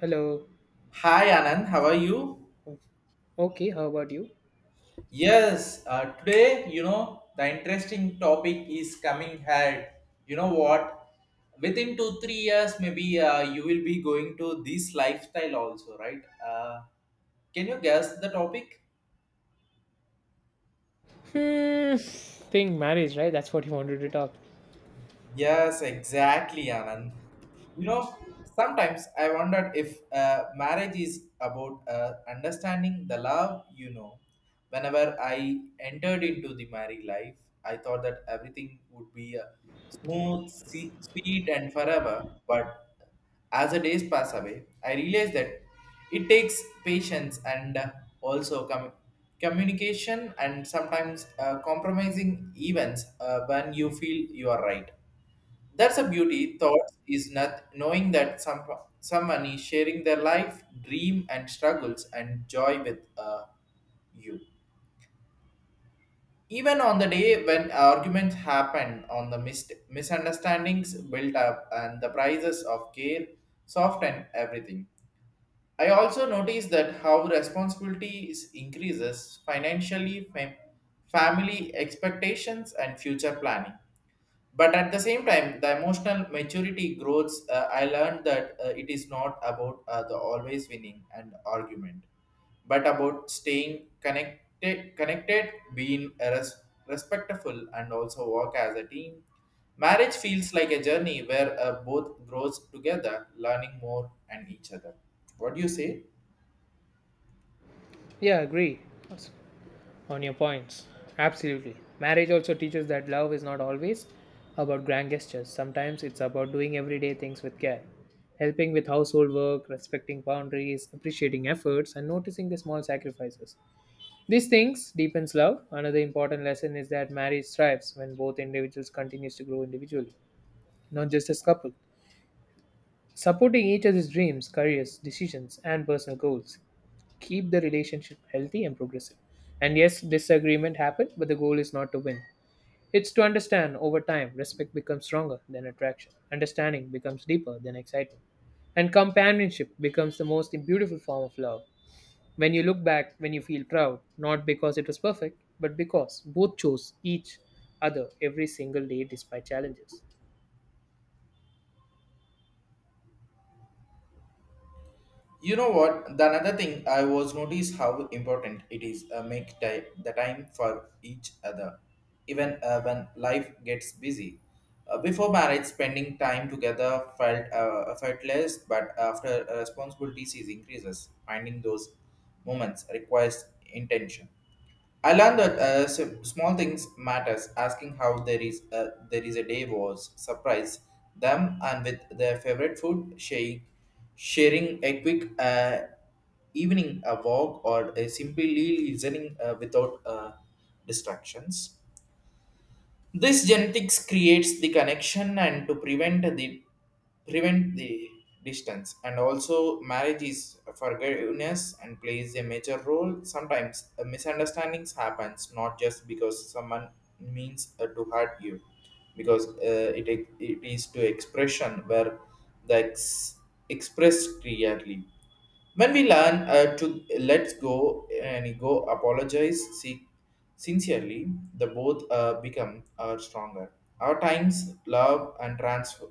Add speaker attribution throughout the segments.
Speaker 1: Hello.
Speaker 2: Hi Anand, how are you?
Speaker 1: Okay, how about you?
Speaker 2: Yes, today, you know, the interesting topic is coming ahead. You know what? Within two, 3 years, maybe you will be going to this lifestyle also, right? Can you guess the topic?
Speaker 1: Hmm. Think marriage, right? That's what you wanted to talk.
Speaker 2: Yes, exactly, Anand. You know, sometimes I wondered if marriage is about understanding the love you know. Whenever I entered into the married life, I thought that everything would be smooth, sweet, and forever. But as the days pass away, I realized that it takes patience and also communication and sometimes compromising events when you feel you are right. That's a beauty. Thoughts is not knowing that someone is sharing their life, dream, and struggles and joy with you. Even on the day when arguments happen, on the misunderstandings built up, and the prices of care soften everything. I also noticed that how responsibility is increases financially, family expectations, and future planning, but at the same time the emotional maturity grows. I learned that it is not about the always winning and argument, but about staying connected, being respectful and also work as a team. Marriage feels like a journey where both grows together, learning more and each other. What do you say?
Speaker 1: Yeah, agree. Awesome. On your points. Absolutely. Marriage also teaches that love is not always about grand gestures. Sometimes it's about doing everyday things with care, helping with household work, respecting boundaries, appreciating efforts, and noticing the small sacrifices. These things deepens love. Another important lesson is that marriage thrives when both individuals continues to grow individually, not just as couple. Supporting each other's dreams, careers, decisions, and personal goals keep the relationship healthy and progressive. And yes, disagreement happen, but the goal is not to win. It's to understand over time, respect becomes stronger than attraction, understanding becomes deeper than excitement, and companionship becomes the most beautiful form of love. When you look back, when you feel proud, not because it was perfect, but because both chose each other every single day despite challenges.
Speaker 2: You know what? The another thing I was noticed how important it is make the time for each other, even when life gets busy. Before marriage, spending time together felt less, but after responsibilities is increases, finding those moments requires intention. I learned that small things matters. Asking how there is a day was surprise them and with their favorite food, shake, sharing a quick evening a walk or a simply listening without distractions. This genetics creates the connection and to prevent the distance, and also marriage is forgiveness and plays a major role. Sometimes misunderstandings happens, not just because someone means to hurt you, because it is to expression where the ex- expressed clearly. When we learn to let go and go apologize seek sincerely, the both become stronger. Our times love and transfer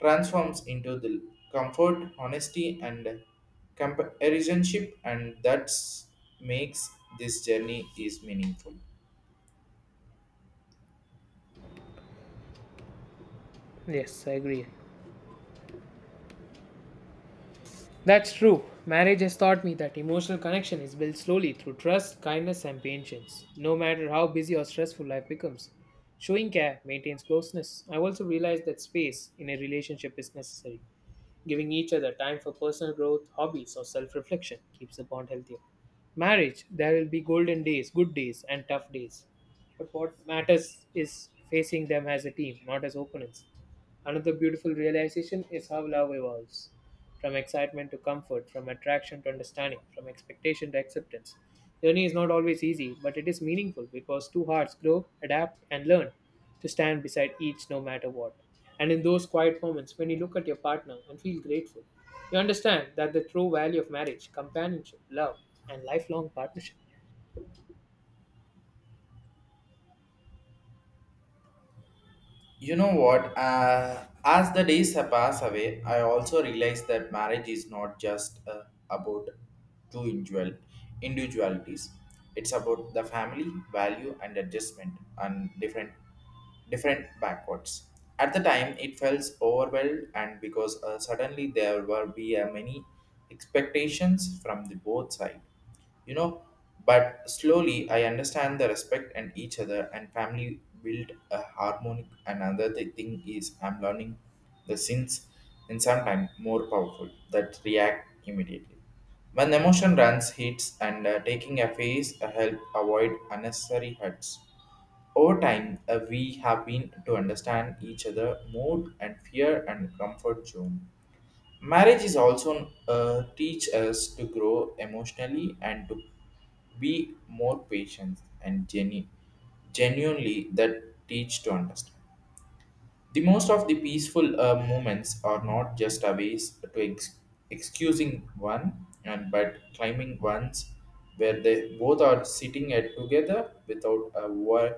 Speaker 2: transforms into the comfort, honesty, and companionship, and that makes this journey is meaningful.
Speaker 1: Yes, I agree. That's true. Marriage has taught me that emotional connection is built slowly through trust, kindness, and patience, no matter how busy or stressful life becomes. Showing care maintains closeness. I've also realized that space in a relationship is necessary. Giving each other time for personal growth, hobbies, or self reflection keeps the bond healthier. Marriage, there will be golden days, good days, and tough days. But what matters is facing them as a team, not as opponents. Another beautiful realization is how love evolves from excitement to comfort, from attraction to understanding, from expectation to acceptance. Journey is not always easy, but it is meaningful because two hearts grow, adapt, and learn to stand beside each no matter what. And in those quiet moments, when you look at your partner and feel grateful, you understand that the true value of marriage, companionship, love, and lifelong partnership.
Speaker 2: You know what? As the days pass away, I also realize that marriage is not just about two individualities. It's about the family value and adjustment and different backwards. At the time, it felt overwhelmed, and because suddenly there were be many expectations from the both side, you know. But slowly, I understand the respect and each other and family build a harmonic. Another the thing is, I'm learning the sins in some time more powerful that react immediately. When emotion runs, hits, and taking a phase help avoid unnecessary hurts. Over time, we have been to understand each other more and fear and comfort zone. Marriage is also teach us to grow emotionally and to be more patient and genuinely that teach to understand. The most of the peaceful movements are not just a ways to excusing one and but climbing ones where they both are sitting at together without a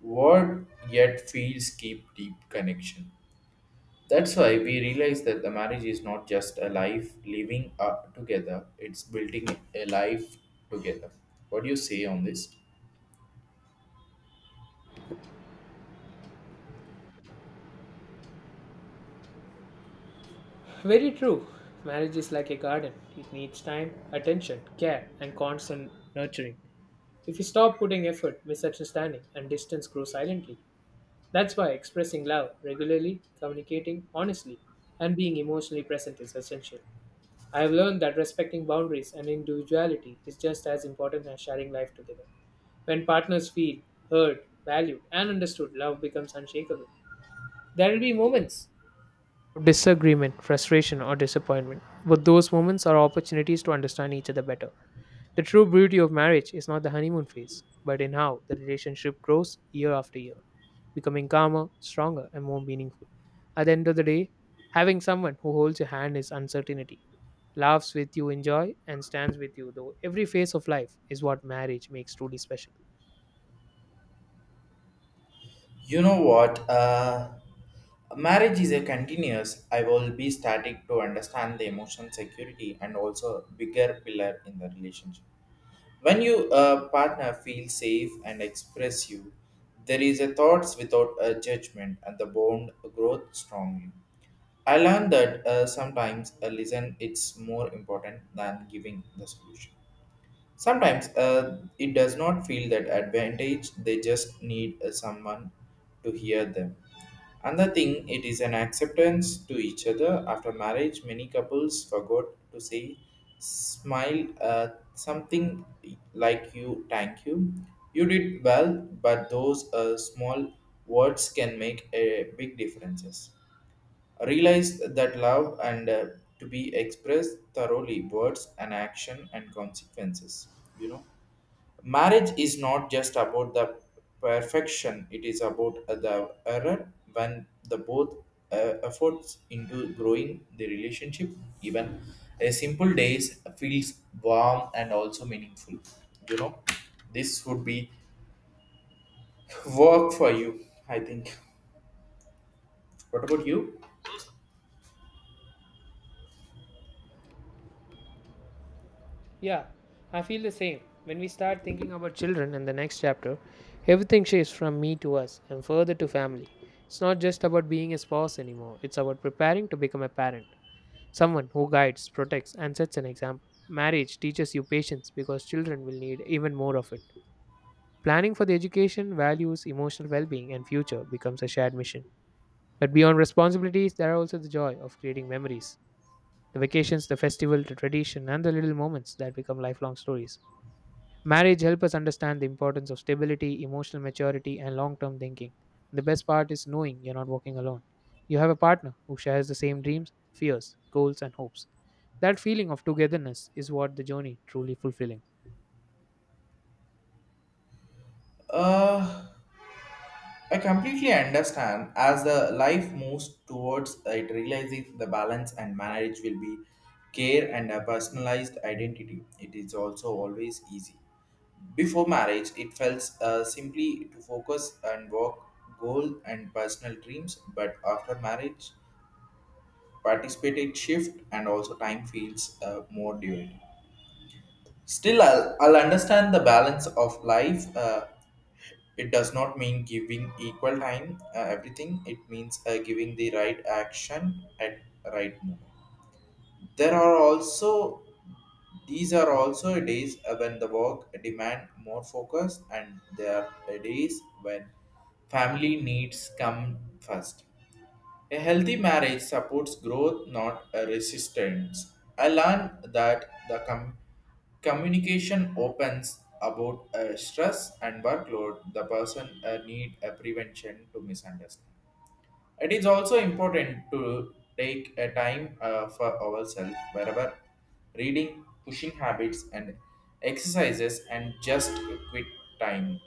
Speaker 2: word yet feels keep deep connection. That's why we realize that the marriage is not just a life living up together; it's building a life together. What do you say on this?
Speaker 1: Very true. Marriage is like a garden. It needs time, attention, care, and constant nurturing. If you stop putting effort, misunderstanding and distance grow silently. That's why expressing love regularly, communicating honestly, and being emotionally present is essential. I have learned that respecting boundaries and individuality is just as important as sharing life together. When partners feel heard, valued, and understood, love becomes unshakable. There will be moments of disagreement, frustration, or disappointment, but those moments are opportunities to understand each other better. The true beauty of marriage is not the honeymoon phase, but in how the relationship grows year after year, becoming calmer, stronger, and more meaningful. At the end of the day, having someone who holds your hand is uncertainty, laughs with you in joy, and stands with you though every phase of life is what marriage makes truly special.
Speaker 2: You know what? Marriage is a continuous. I will be starting to understand the emotion security and also bigger pillar in the relationship. When you partner feels safe and express you, there is a thoughts without a judgment and the bond growth strongly. I learned that sometimes a listen it's more important than giving the solution. Sometimes it does not feel that advantage, they just need someone to hear them. Another thing, it is an acceptance to each other. After marriage, many couples forgot to say, smile, something like you, thank you. You did well, but those small words can make a big differences, realized that love and to be expressed thoroughly words and action and consequences, you know. Marriage is not just about the perfection, it is about the error when the both uh, efforts into growing the relationship, even a simple days feels warm and also meaningful. You know, this would be work for you, I think. What about you?
Speaker 1: Yeah, I feel the same. When we start thinking about children in the next chapter, everything shifts from me to us and further to family. It's not just about being a spouse anymore, it's about preparing to become a parent. Someone who guides, protects, and sets an example. Marriage teaches you patience because children will need even more of it. Planning for the education, values, emotional well being, and future becomes a shared mission. But beyond responsibilities, there are also the joy of creating memories the vacations, the festival, the tradition, and the little moments that become lifelong stories. Marriage helps us understand the importance of stability, emotional maturity, and long term thinking. The best part is knowing you're not walking alone. You have a partner who shares the same dreams, fears, goals, and hopes. That feeling of togetherness is what the journey truly fulfilling.
Speaker 2: uh I completely understand as the life moves towards it realizing the balance and marriage will be care and a personalized identity. It is also always easy. Before marriage, it felt simply to focus and work goal and personal dreams, but after marriage, participated shift and also time feels more dual. Still, I'll understand the balance of life. It does not mean giving equal time everything. It means giving the right action at right moment. There are also These are also days when the work demand more focus, and there are days when family needs come first. A healthy marriage supports growth, not a resistance. I learned that the communication opens about stress and workload. The person need a prevention to misunderstand. It is also important to take a time for ourselves wherever reading, pushing habits and exercises and just quit time.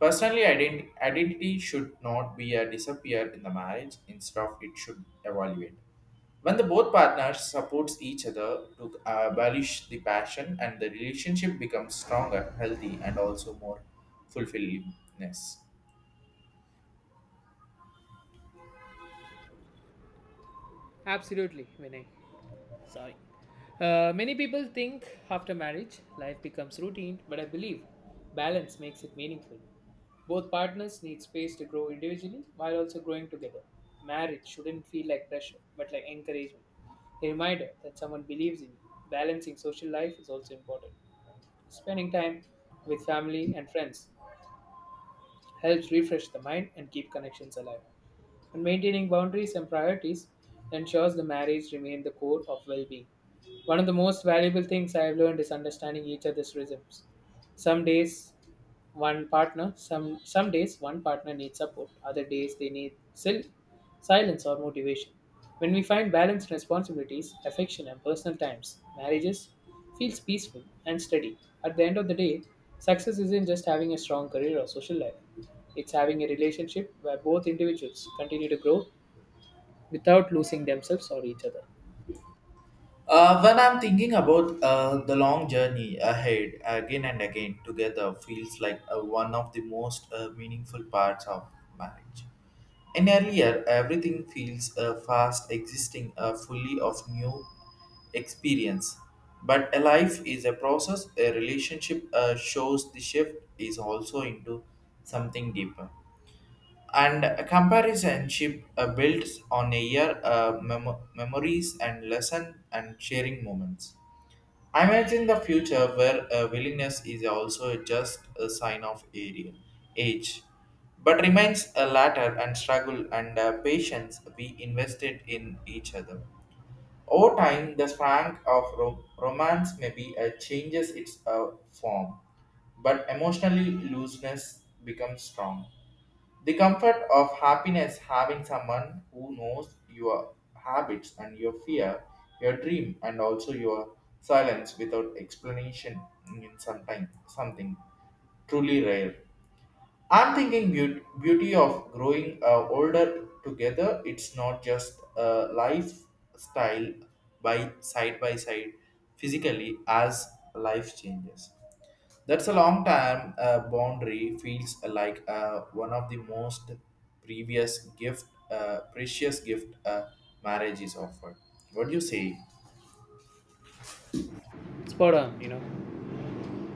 Speaker 2: Personally, identity should not be a disappear in the marriage. Instead of it should evaluate. When the both partners supports each other to abolish the passion and the relationship becomes stronger, healthy, and also more fulfillingness.
Speaker 1: Absolutely, Vinay. Sorry. Many people think after marriage, life becomes routine, but I believe balance makes it meaningful. Both partners need space to grow individually while also growing together. Marriage shouldn't feel like pressure, but like encouragement. A reminder that someone believes in you. Balancing social life is also important. Spending time with family and friends helps refresh the mind and keep connections alive and maintaining boundaries and priorities ensures the marriage remains the core of well-being. One of the most valuable things I have learned is understanding each other's rhythms. Some days one partner, some days one partner needs support, other days they need still. Silence or motivation. When we find balanced responsibilities, affection, and personal times, marriages feels peaceful and steady. At the end of the day, success isn't just having a strong career or social life. It's having a relationship where both individuals continue to grow without losing themselves or each other.
Speaker 2: When I'm thinking about the long journey ahead again and again together feels like one of the most meaningful parts of marriage. In earlier, everything feels fast, existing fully of new experience. But a life is a process. A relationship shows the shift is also into something deeper. And a companionship builds on a year memories and lesson and sharing moments. I imagine the future where willingness is also just a sign of area, age, but remains a latter and struggle and patience we invested in each other. Over time, the spark of romance may be changes its form, but emotionally looseness becomes strong. The comfort of happiness having someone who knows your habits and your fear, your dream, and also your silence without explanation in sometime something truly rare. I'm thinking beauty of growing older together. It's not just a lifestyle by side physically as life changes. That's a long time. Boundary feels like one of the most previous gift, precious gift marriage is offered. What do you say?
Speaker 1: Spot on, you know.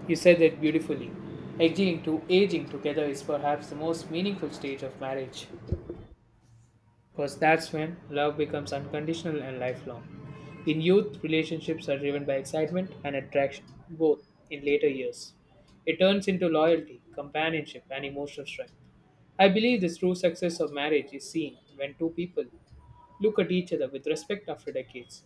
Speaker 1: You said that beautifully. Aging to aging together is perhaps the most meaningful stage of marriage. Because that's when love becomes unconditional and lifelong. In youth, relationships are driven by excitement and attraction, both in later years. It turns into loyalty, companionship, and emotional strength. I believe the true success of marriage is seen when two people look at each other with respect after decades.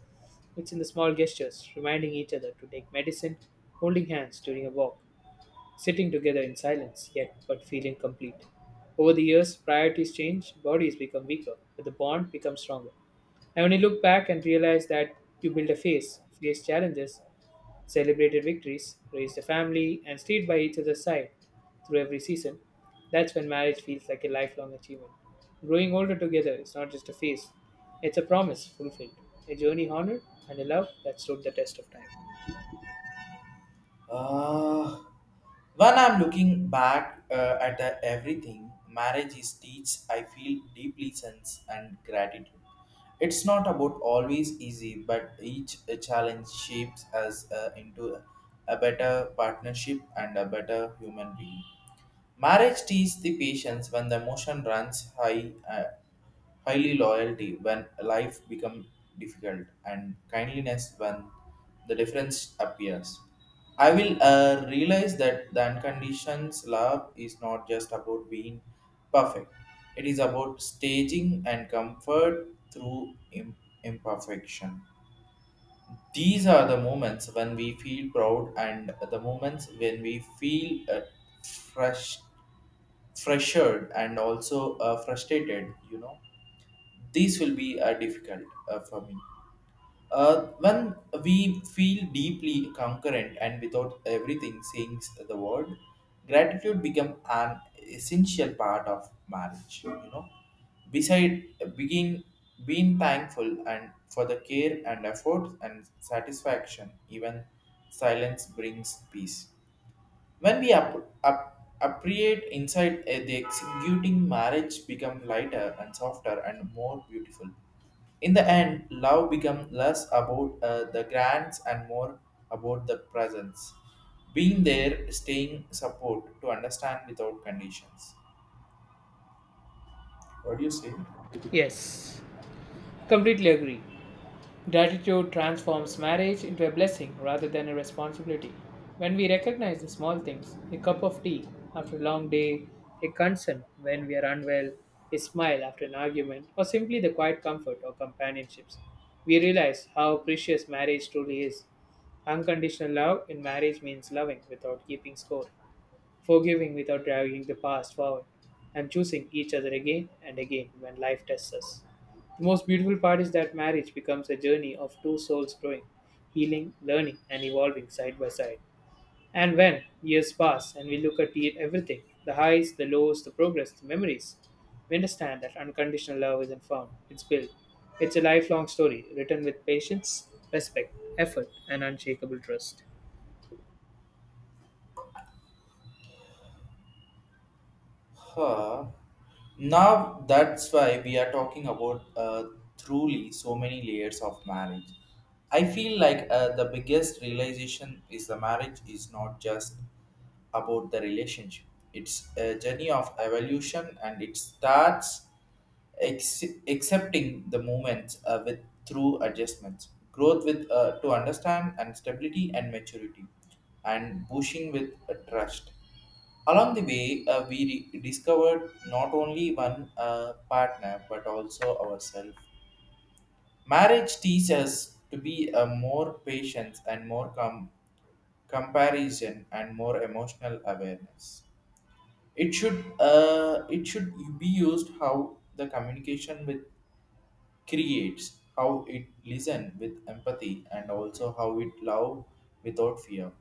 Speaker 1: It's in the small gestures, reminding each other to take medicine, holding hands during a walk, sitting together in silence yet but feeling complete. Over the years, priorities change, bodies become weaker, but the bond becomes stronger. And when you look back and realize that you built a face, faced challenges, celebrated victories, raised a family, and stayed by each other's side through every season, that's when marriage feels like a lifelong achievement. Growing older together is not just a phase, it's a promise fulfilled, a journey honored, and a love that stood the test of time.
Speaker 2: Uh, when I'm looking back at the everything, marriage is teach. I feel deeply sense and gratitude. It's not about always easy, but each challenge shapes us into a better partnership and a better human being. Marriage teaches the patience when the emotion runs high, highly loyalty when life becomes difficult, and kindliness when the difference appears. I will realize that the unconditioned love is not just about being perfect. It is about staging and comfort through imperfection. These are the moments when we feel proud and the moments when we feel fresh, freshered and also frustrated, you know. These will be difficult for me. When we feel deeply concurrent and without everything saying the word, gratitude become an essential part of marriage. You know, beside being being thankful and for the care and effort and satisfaction, even silence brings peace. When we appreciate inside the executing marriage become lighter and softer and more beautiful. In the end, love become less about the grants and more about the presence. Being there, staying support to understand without conditions. What do you say?
Speaker 1: Yes, completely agree. Gratitude transforms marriage into a blessing rather than a responsibility. When we recognize the small things, a cup of tea after a long day, a concern when we are unwell, a smile after an argument, or simply the quiet comfort of companionships, we realize how precious marriage truly is. Unconditional love in marriage means loving without keeping score forgiving without dragging the past forward, and choosing each other again and again when life tests us. The most beautiful part is that marriage becomes a journey of two souls growing, healing, learning, and evolving side by side. And when years pass and we look at everything the highs, the lows, the progress, the memories we understand that unconditional love isn't found, it's built. It's a lifelong story written with patience, respect, effort, and unshakable trust.
Speaker 2: Huh. Now that's why we are talking about truly so many layers of marriage. I feel like the biggest realization is the marriage is not just about the relationship. It's a journey of evolution and it starts accepting the movements with through adjustments, growth with to understand and stability and maturity, and pushing with trust. Along the way, we discovered not only one partner but also ourselves. Marriage teaches us to be a more patient and more comparison and more emotional awareness. It should be used how the communication with creates, how it listen with empathy, and also how it love without fear.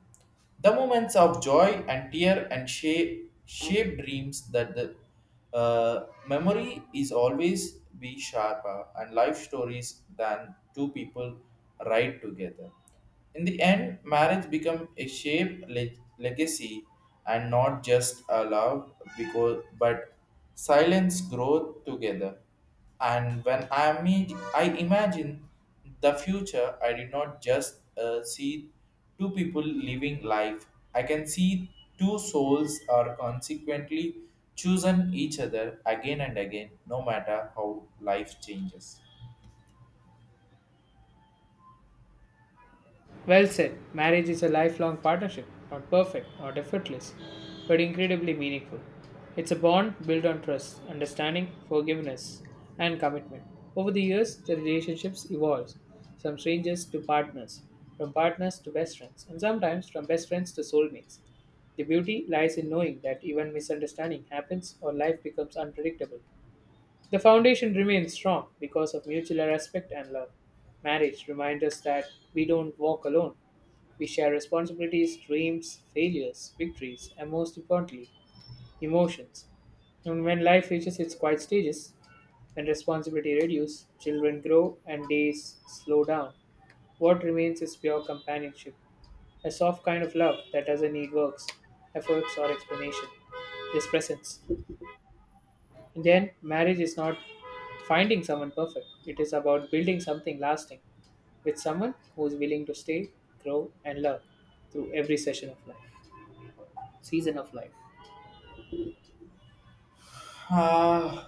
Speaker 2: The moments of joy and tear and shape dreams that the memory is always be sharper and life stories than two people write together. In the end, marriage become a shape legacy and not just a love because but silence growth together. And when I, I imagine the future, I did not just see two people living life. I can see two souls are consequently chosen each other again and again, no matter how life changes.
Speaker 1: Well said. Marriage is a lifelong partnership, not perfect, not effortless, but incredibly meaningful. It's a bond built on trust, understanding, forgiveness, and commitment. Over the years, the relationships evolve from strangers to partners, from partners to best friends, and sometimes from best friends to soulmates. The beauty lies in knowing that even misunderstanding happens or life becomes unpredictable. The foundation remains strong because of mutual respect and love. Marriage reminds us that we don't walk alone. We share responsibilities, dreams, failures, victories, and most importantly, emotions. And when life reaches its quiet stages, when responsibility reduces, children grow, and days slow down, what remains is pure companionship, a soft kind of love that doesn't need works, efforts, or explanation, just presence. Then, marriage is not finding someone perfect, it is about building something lasting with someone who is willing to stay, grow, and love through every session of life, season of life.
Speaker 2: Uh,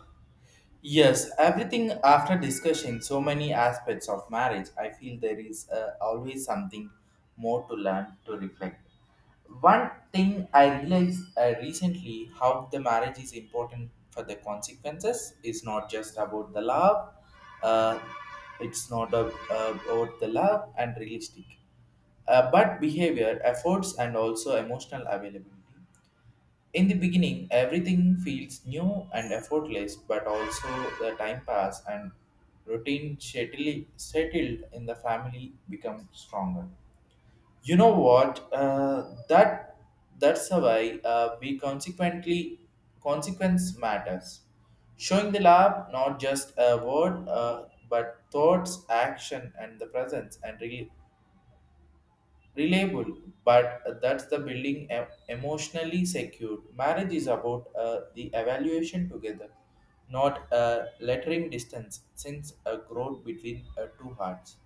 Speaker 2: yes, everything after discussing so many aspects of marriage, I feel there is always something more to learn to reflect. One thing I realized recently how the marriage is important for the consequences is not just about the love, uh, it's not a, about the love and realistic, but behavior, efforts, and also emotional availability. In the beginning, everything feels new and effortless, but also the time pass and routine settled in the family become stronger. You know what? That's why we consequently consequence matters. Showing the lab not just a word, but thoughts, action, and the presence and reliable but that's the building emotionally secured marriage is about the evaluation together not lettering distance since a growth between two hearts.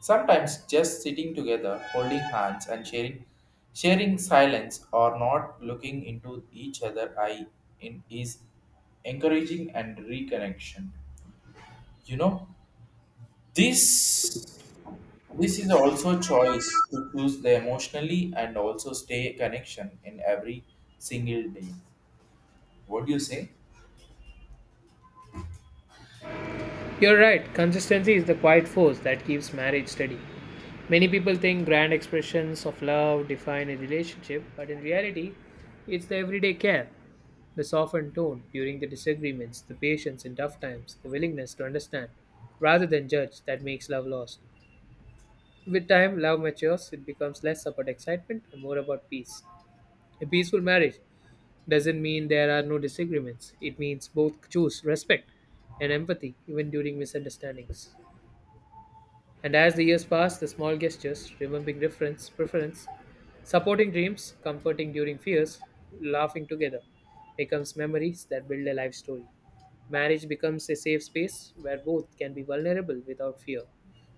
Speaker 2: Sometimes just sitting together holding hands and sharing silence or not looking into each other eye in is encouraging and reconnection. You know, this this is also choice to choose the emotionally and also stay connection in every single day. What do you say?
Speaker 1: You're right, consistency is the quiet force that keeps marriage steady. Many people think grand expressions of love define a relationship, but in reality, it's the everyday care, the softened tone during the disagreements, the patience in tough times, the willingness to understand rather than judge that makes love last. With time, love matures. It becomes less about excitement and more about peace. A peaceful marriage doesn't mean there are no disagreements. It means both choose respect and empathy even during misunderstandings. And as the years pass, the small gestures, remembering reference, preference, supporting dreams, comforting during fears, laughing together, becomes memories that build a life story. Marriage becomes a safe space where both can be vulnerable without fear,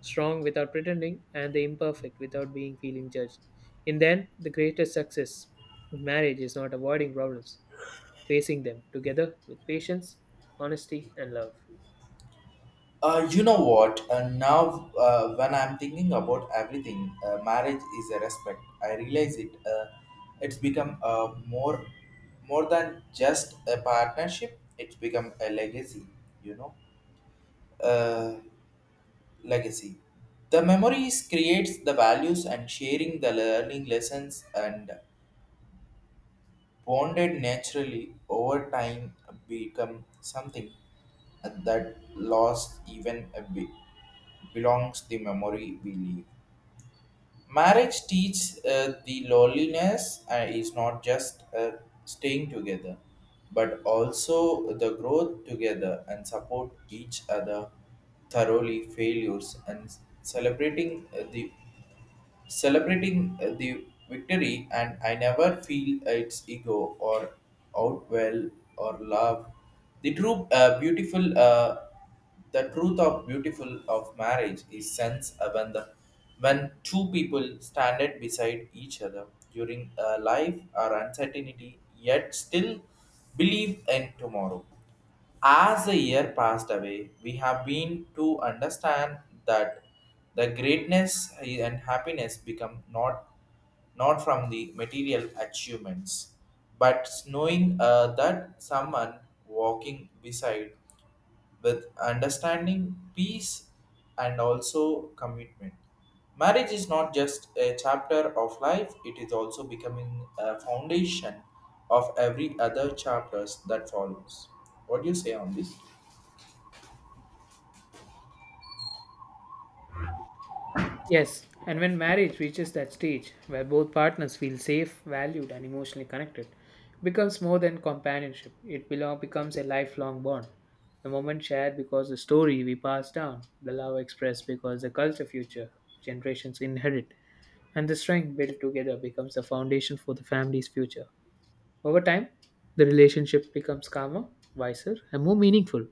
Speaker 1: strong without pretending, and the imperfect without being feeling judged. In the end, the greatest success in marriage is not avoiding problems, facing them together with patience, honesty, and love.
Speaker 2: You know what? Now, when I'm thinking about everything, marriage is a respect. I realize it. It's become more than just a partnership. It's become a legacy. You know. Uh, Legacy. The memories creates the values and sharing the learning lessons and bonded naturally over time become something that lost even a bit belongs the memory we leave. Marriage teaches the loneliness is not just staying together, but also the growth together and support each other thoroughly failures and celebrating the victory. And I never feel its ego or outwell or love. The true beautiful the truth of beautiful of marriage is sense when two people standed beside each other during life or uncertainty yet still believe in tomorrow. As the year passed away, we have been to understand that the greatness and happiness become not from the material achievements, but knowing that someone walking beside with understanding, peace, and also commitment. Marriage is not just a chapter of life, it is also becoming a foundation of every other chapters that follows. What do you say on this?
Speaker 1: Yes, and when marriage reaches that stage where both partners feel safe, valued, and emotionally connected, it becomes more than companionship. It belong, becomes a lifelong bond. The moment shared because the story we pass down, the love expressed because the culture future generations inherit, and the strength built together becomes the foundation for the family's future. Over time, the relationship becomes calmer, wiser, and more meaningful.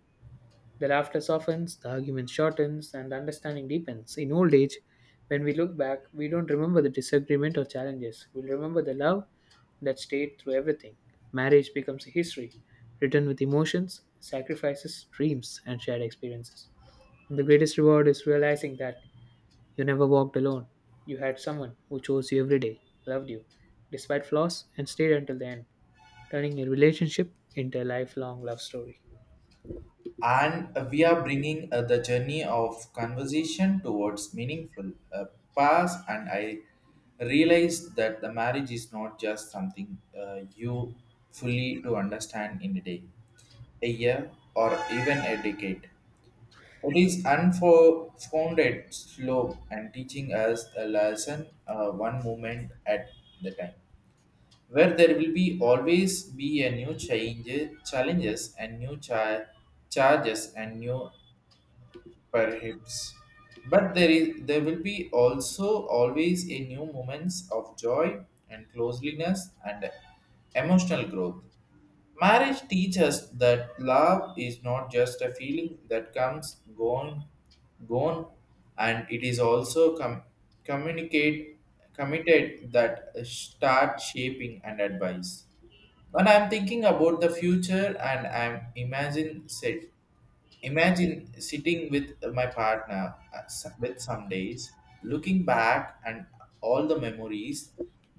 Speaker 1: The laughter softens, the argument shortens, and understanding deepens. In old age, when we look back, we don't remember the disagreement or challenges. We'll remember the love that stayed through everything. Marriage becomes a history, written with emotions, sacrifices, dreams, and shared experiences. The greatest reward is realizing that you never walked alone. You had someone who chose you every day, loved you, despite flaws, and stayed until the end, turning a relationship into a lifelong love story.
Speaker 2: And we are bringing the journey of conversation towards meaningful past. And I realized that the marriage is not just something you fully to understand in a day, a year, or even a decade. It is unfounded slow and teaching us a lesson, one moment at the time, where there will be always be a new change, challenges and new charges and new perhaps. But there will be also always a new moments of joy and closeliness and emotional growth. Marriage teaches that love is not just a feeling that comes gone and it is also communicate committed that start shaping and advice. When I'm thinking about the future and I'm imagine set imagine sitting with my partner with some days, looking back and all the memories,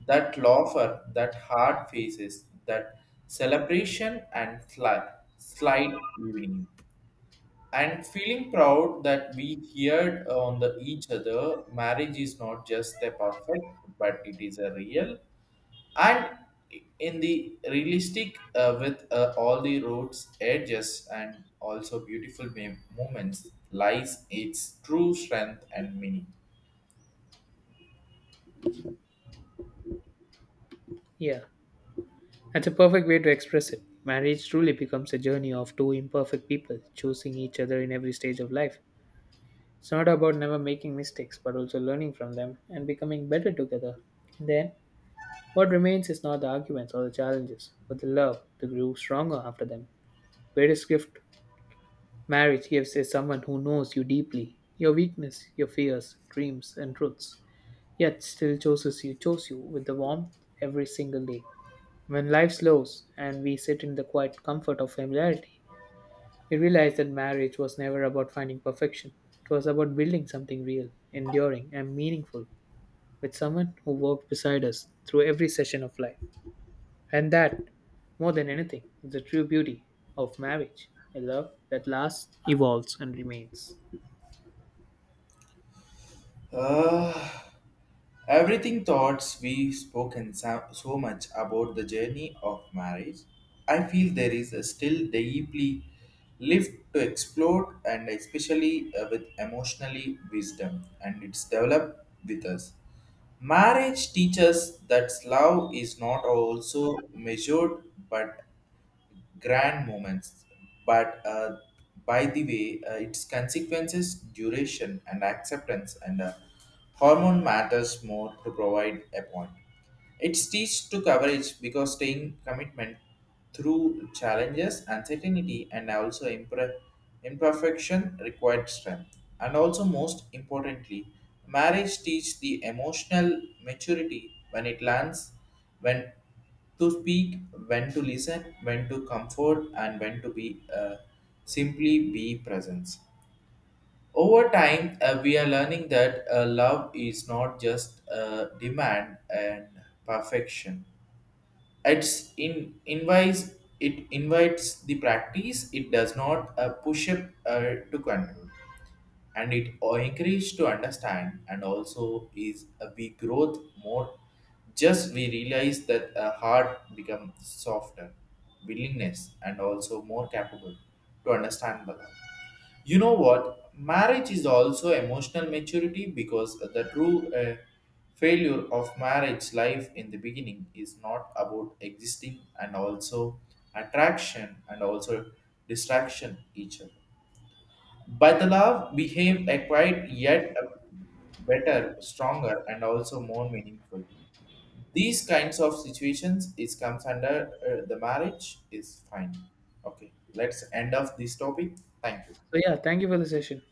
Speaker 2: that laughter, that hard faces, that celebration and slight evening, and feeling proud that we heard on the each other. Marriage is not just a perfect, but it is a real and in the realistic with all the roads edges and also beautiful moments lies its true strength and meaning.
Speaker 1: Yeah. That's a perfect way to express it. Marriage truly becomes a journey of two imperfect people choosing each other in every stage of life. It's not about never making mistakes, but also learning from them and becoming better together. And then, what remains is not the arguments or the challenges, but the love that grew stronger after them. Greatest gift marriage gives is someone who knows you deeply, your weakness, your fears, dreams, and truths, yet still chooses you, chose you with the warmth every single day. When life slows and we sit in the quiet comfort of familiarity, we realize that marriage was never about finding perfection. It was about building something real, enduring, and meaningful with someone who walked beside us through every session of life. And that, more than anything, is the true beauty of marriage a love that lasts, evolves, and remains.
Speaker 2: Ah. Everything thoughts we spoken so much about the journey of marriage, I feel there is a still deeply left to explore and especially with emotionally wisdom and it's developed with us. Marriage teaches that love is not also measured but grand moments, but by the way, its consequences, duration, and acceptance, and hormone matters more to provide a point. It's teach to coverage because staying commitment through challenges, uncertainty, and also imperfection required strength. And also, most importantly, marriage teach the emotional maturity when it lands, when to speak, when to listen, when to comfort, and when to be simply be presence. Over time, we are learning that love is not just a demand and perfection. It's in invites it invites the practice. It does not push up to control and it encouraged to understand. And also is we growth more just we realize that a heart become softer, willingness and also more capable to understand the love. You know what, marriage is also emotional maturity because the true failure of marriage life in the beginning is not about existing and also attraction and also distraction each other. Baitalav behave acquired yet a better, stronger, and also more meaningful. These kinds of situations is comes under the marriage is fine. Okay, let's end of this topic. Thank you.
Speaker 1: So, yeah, thank you for the session.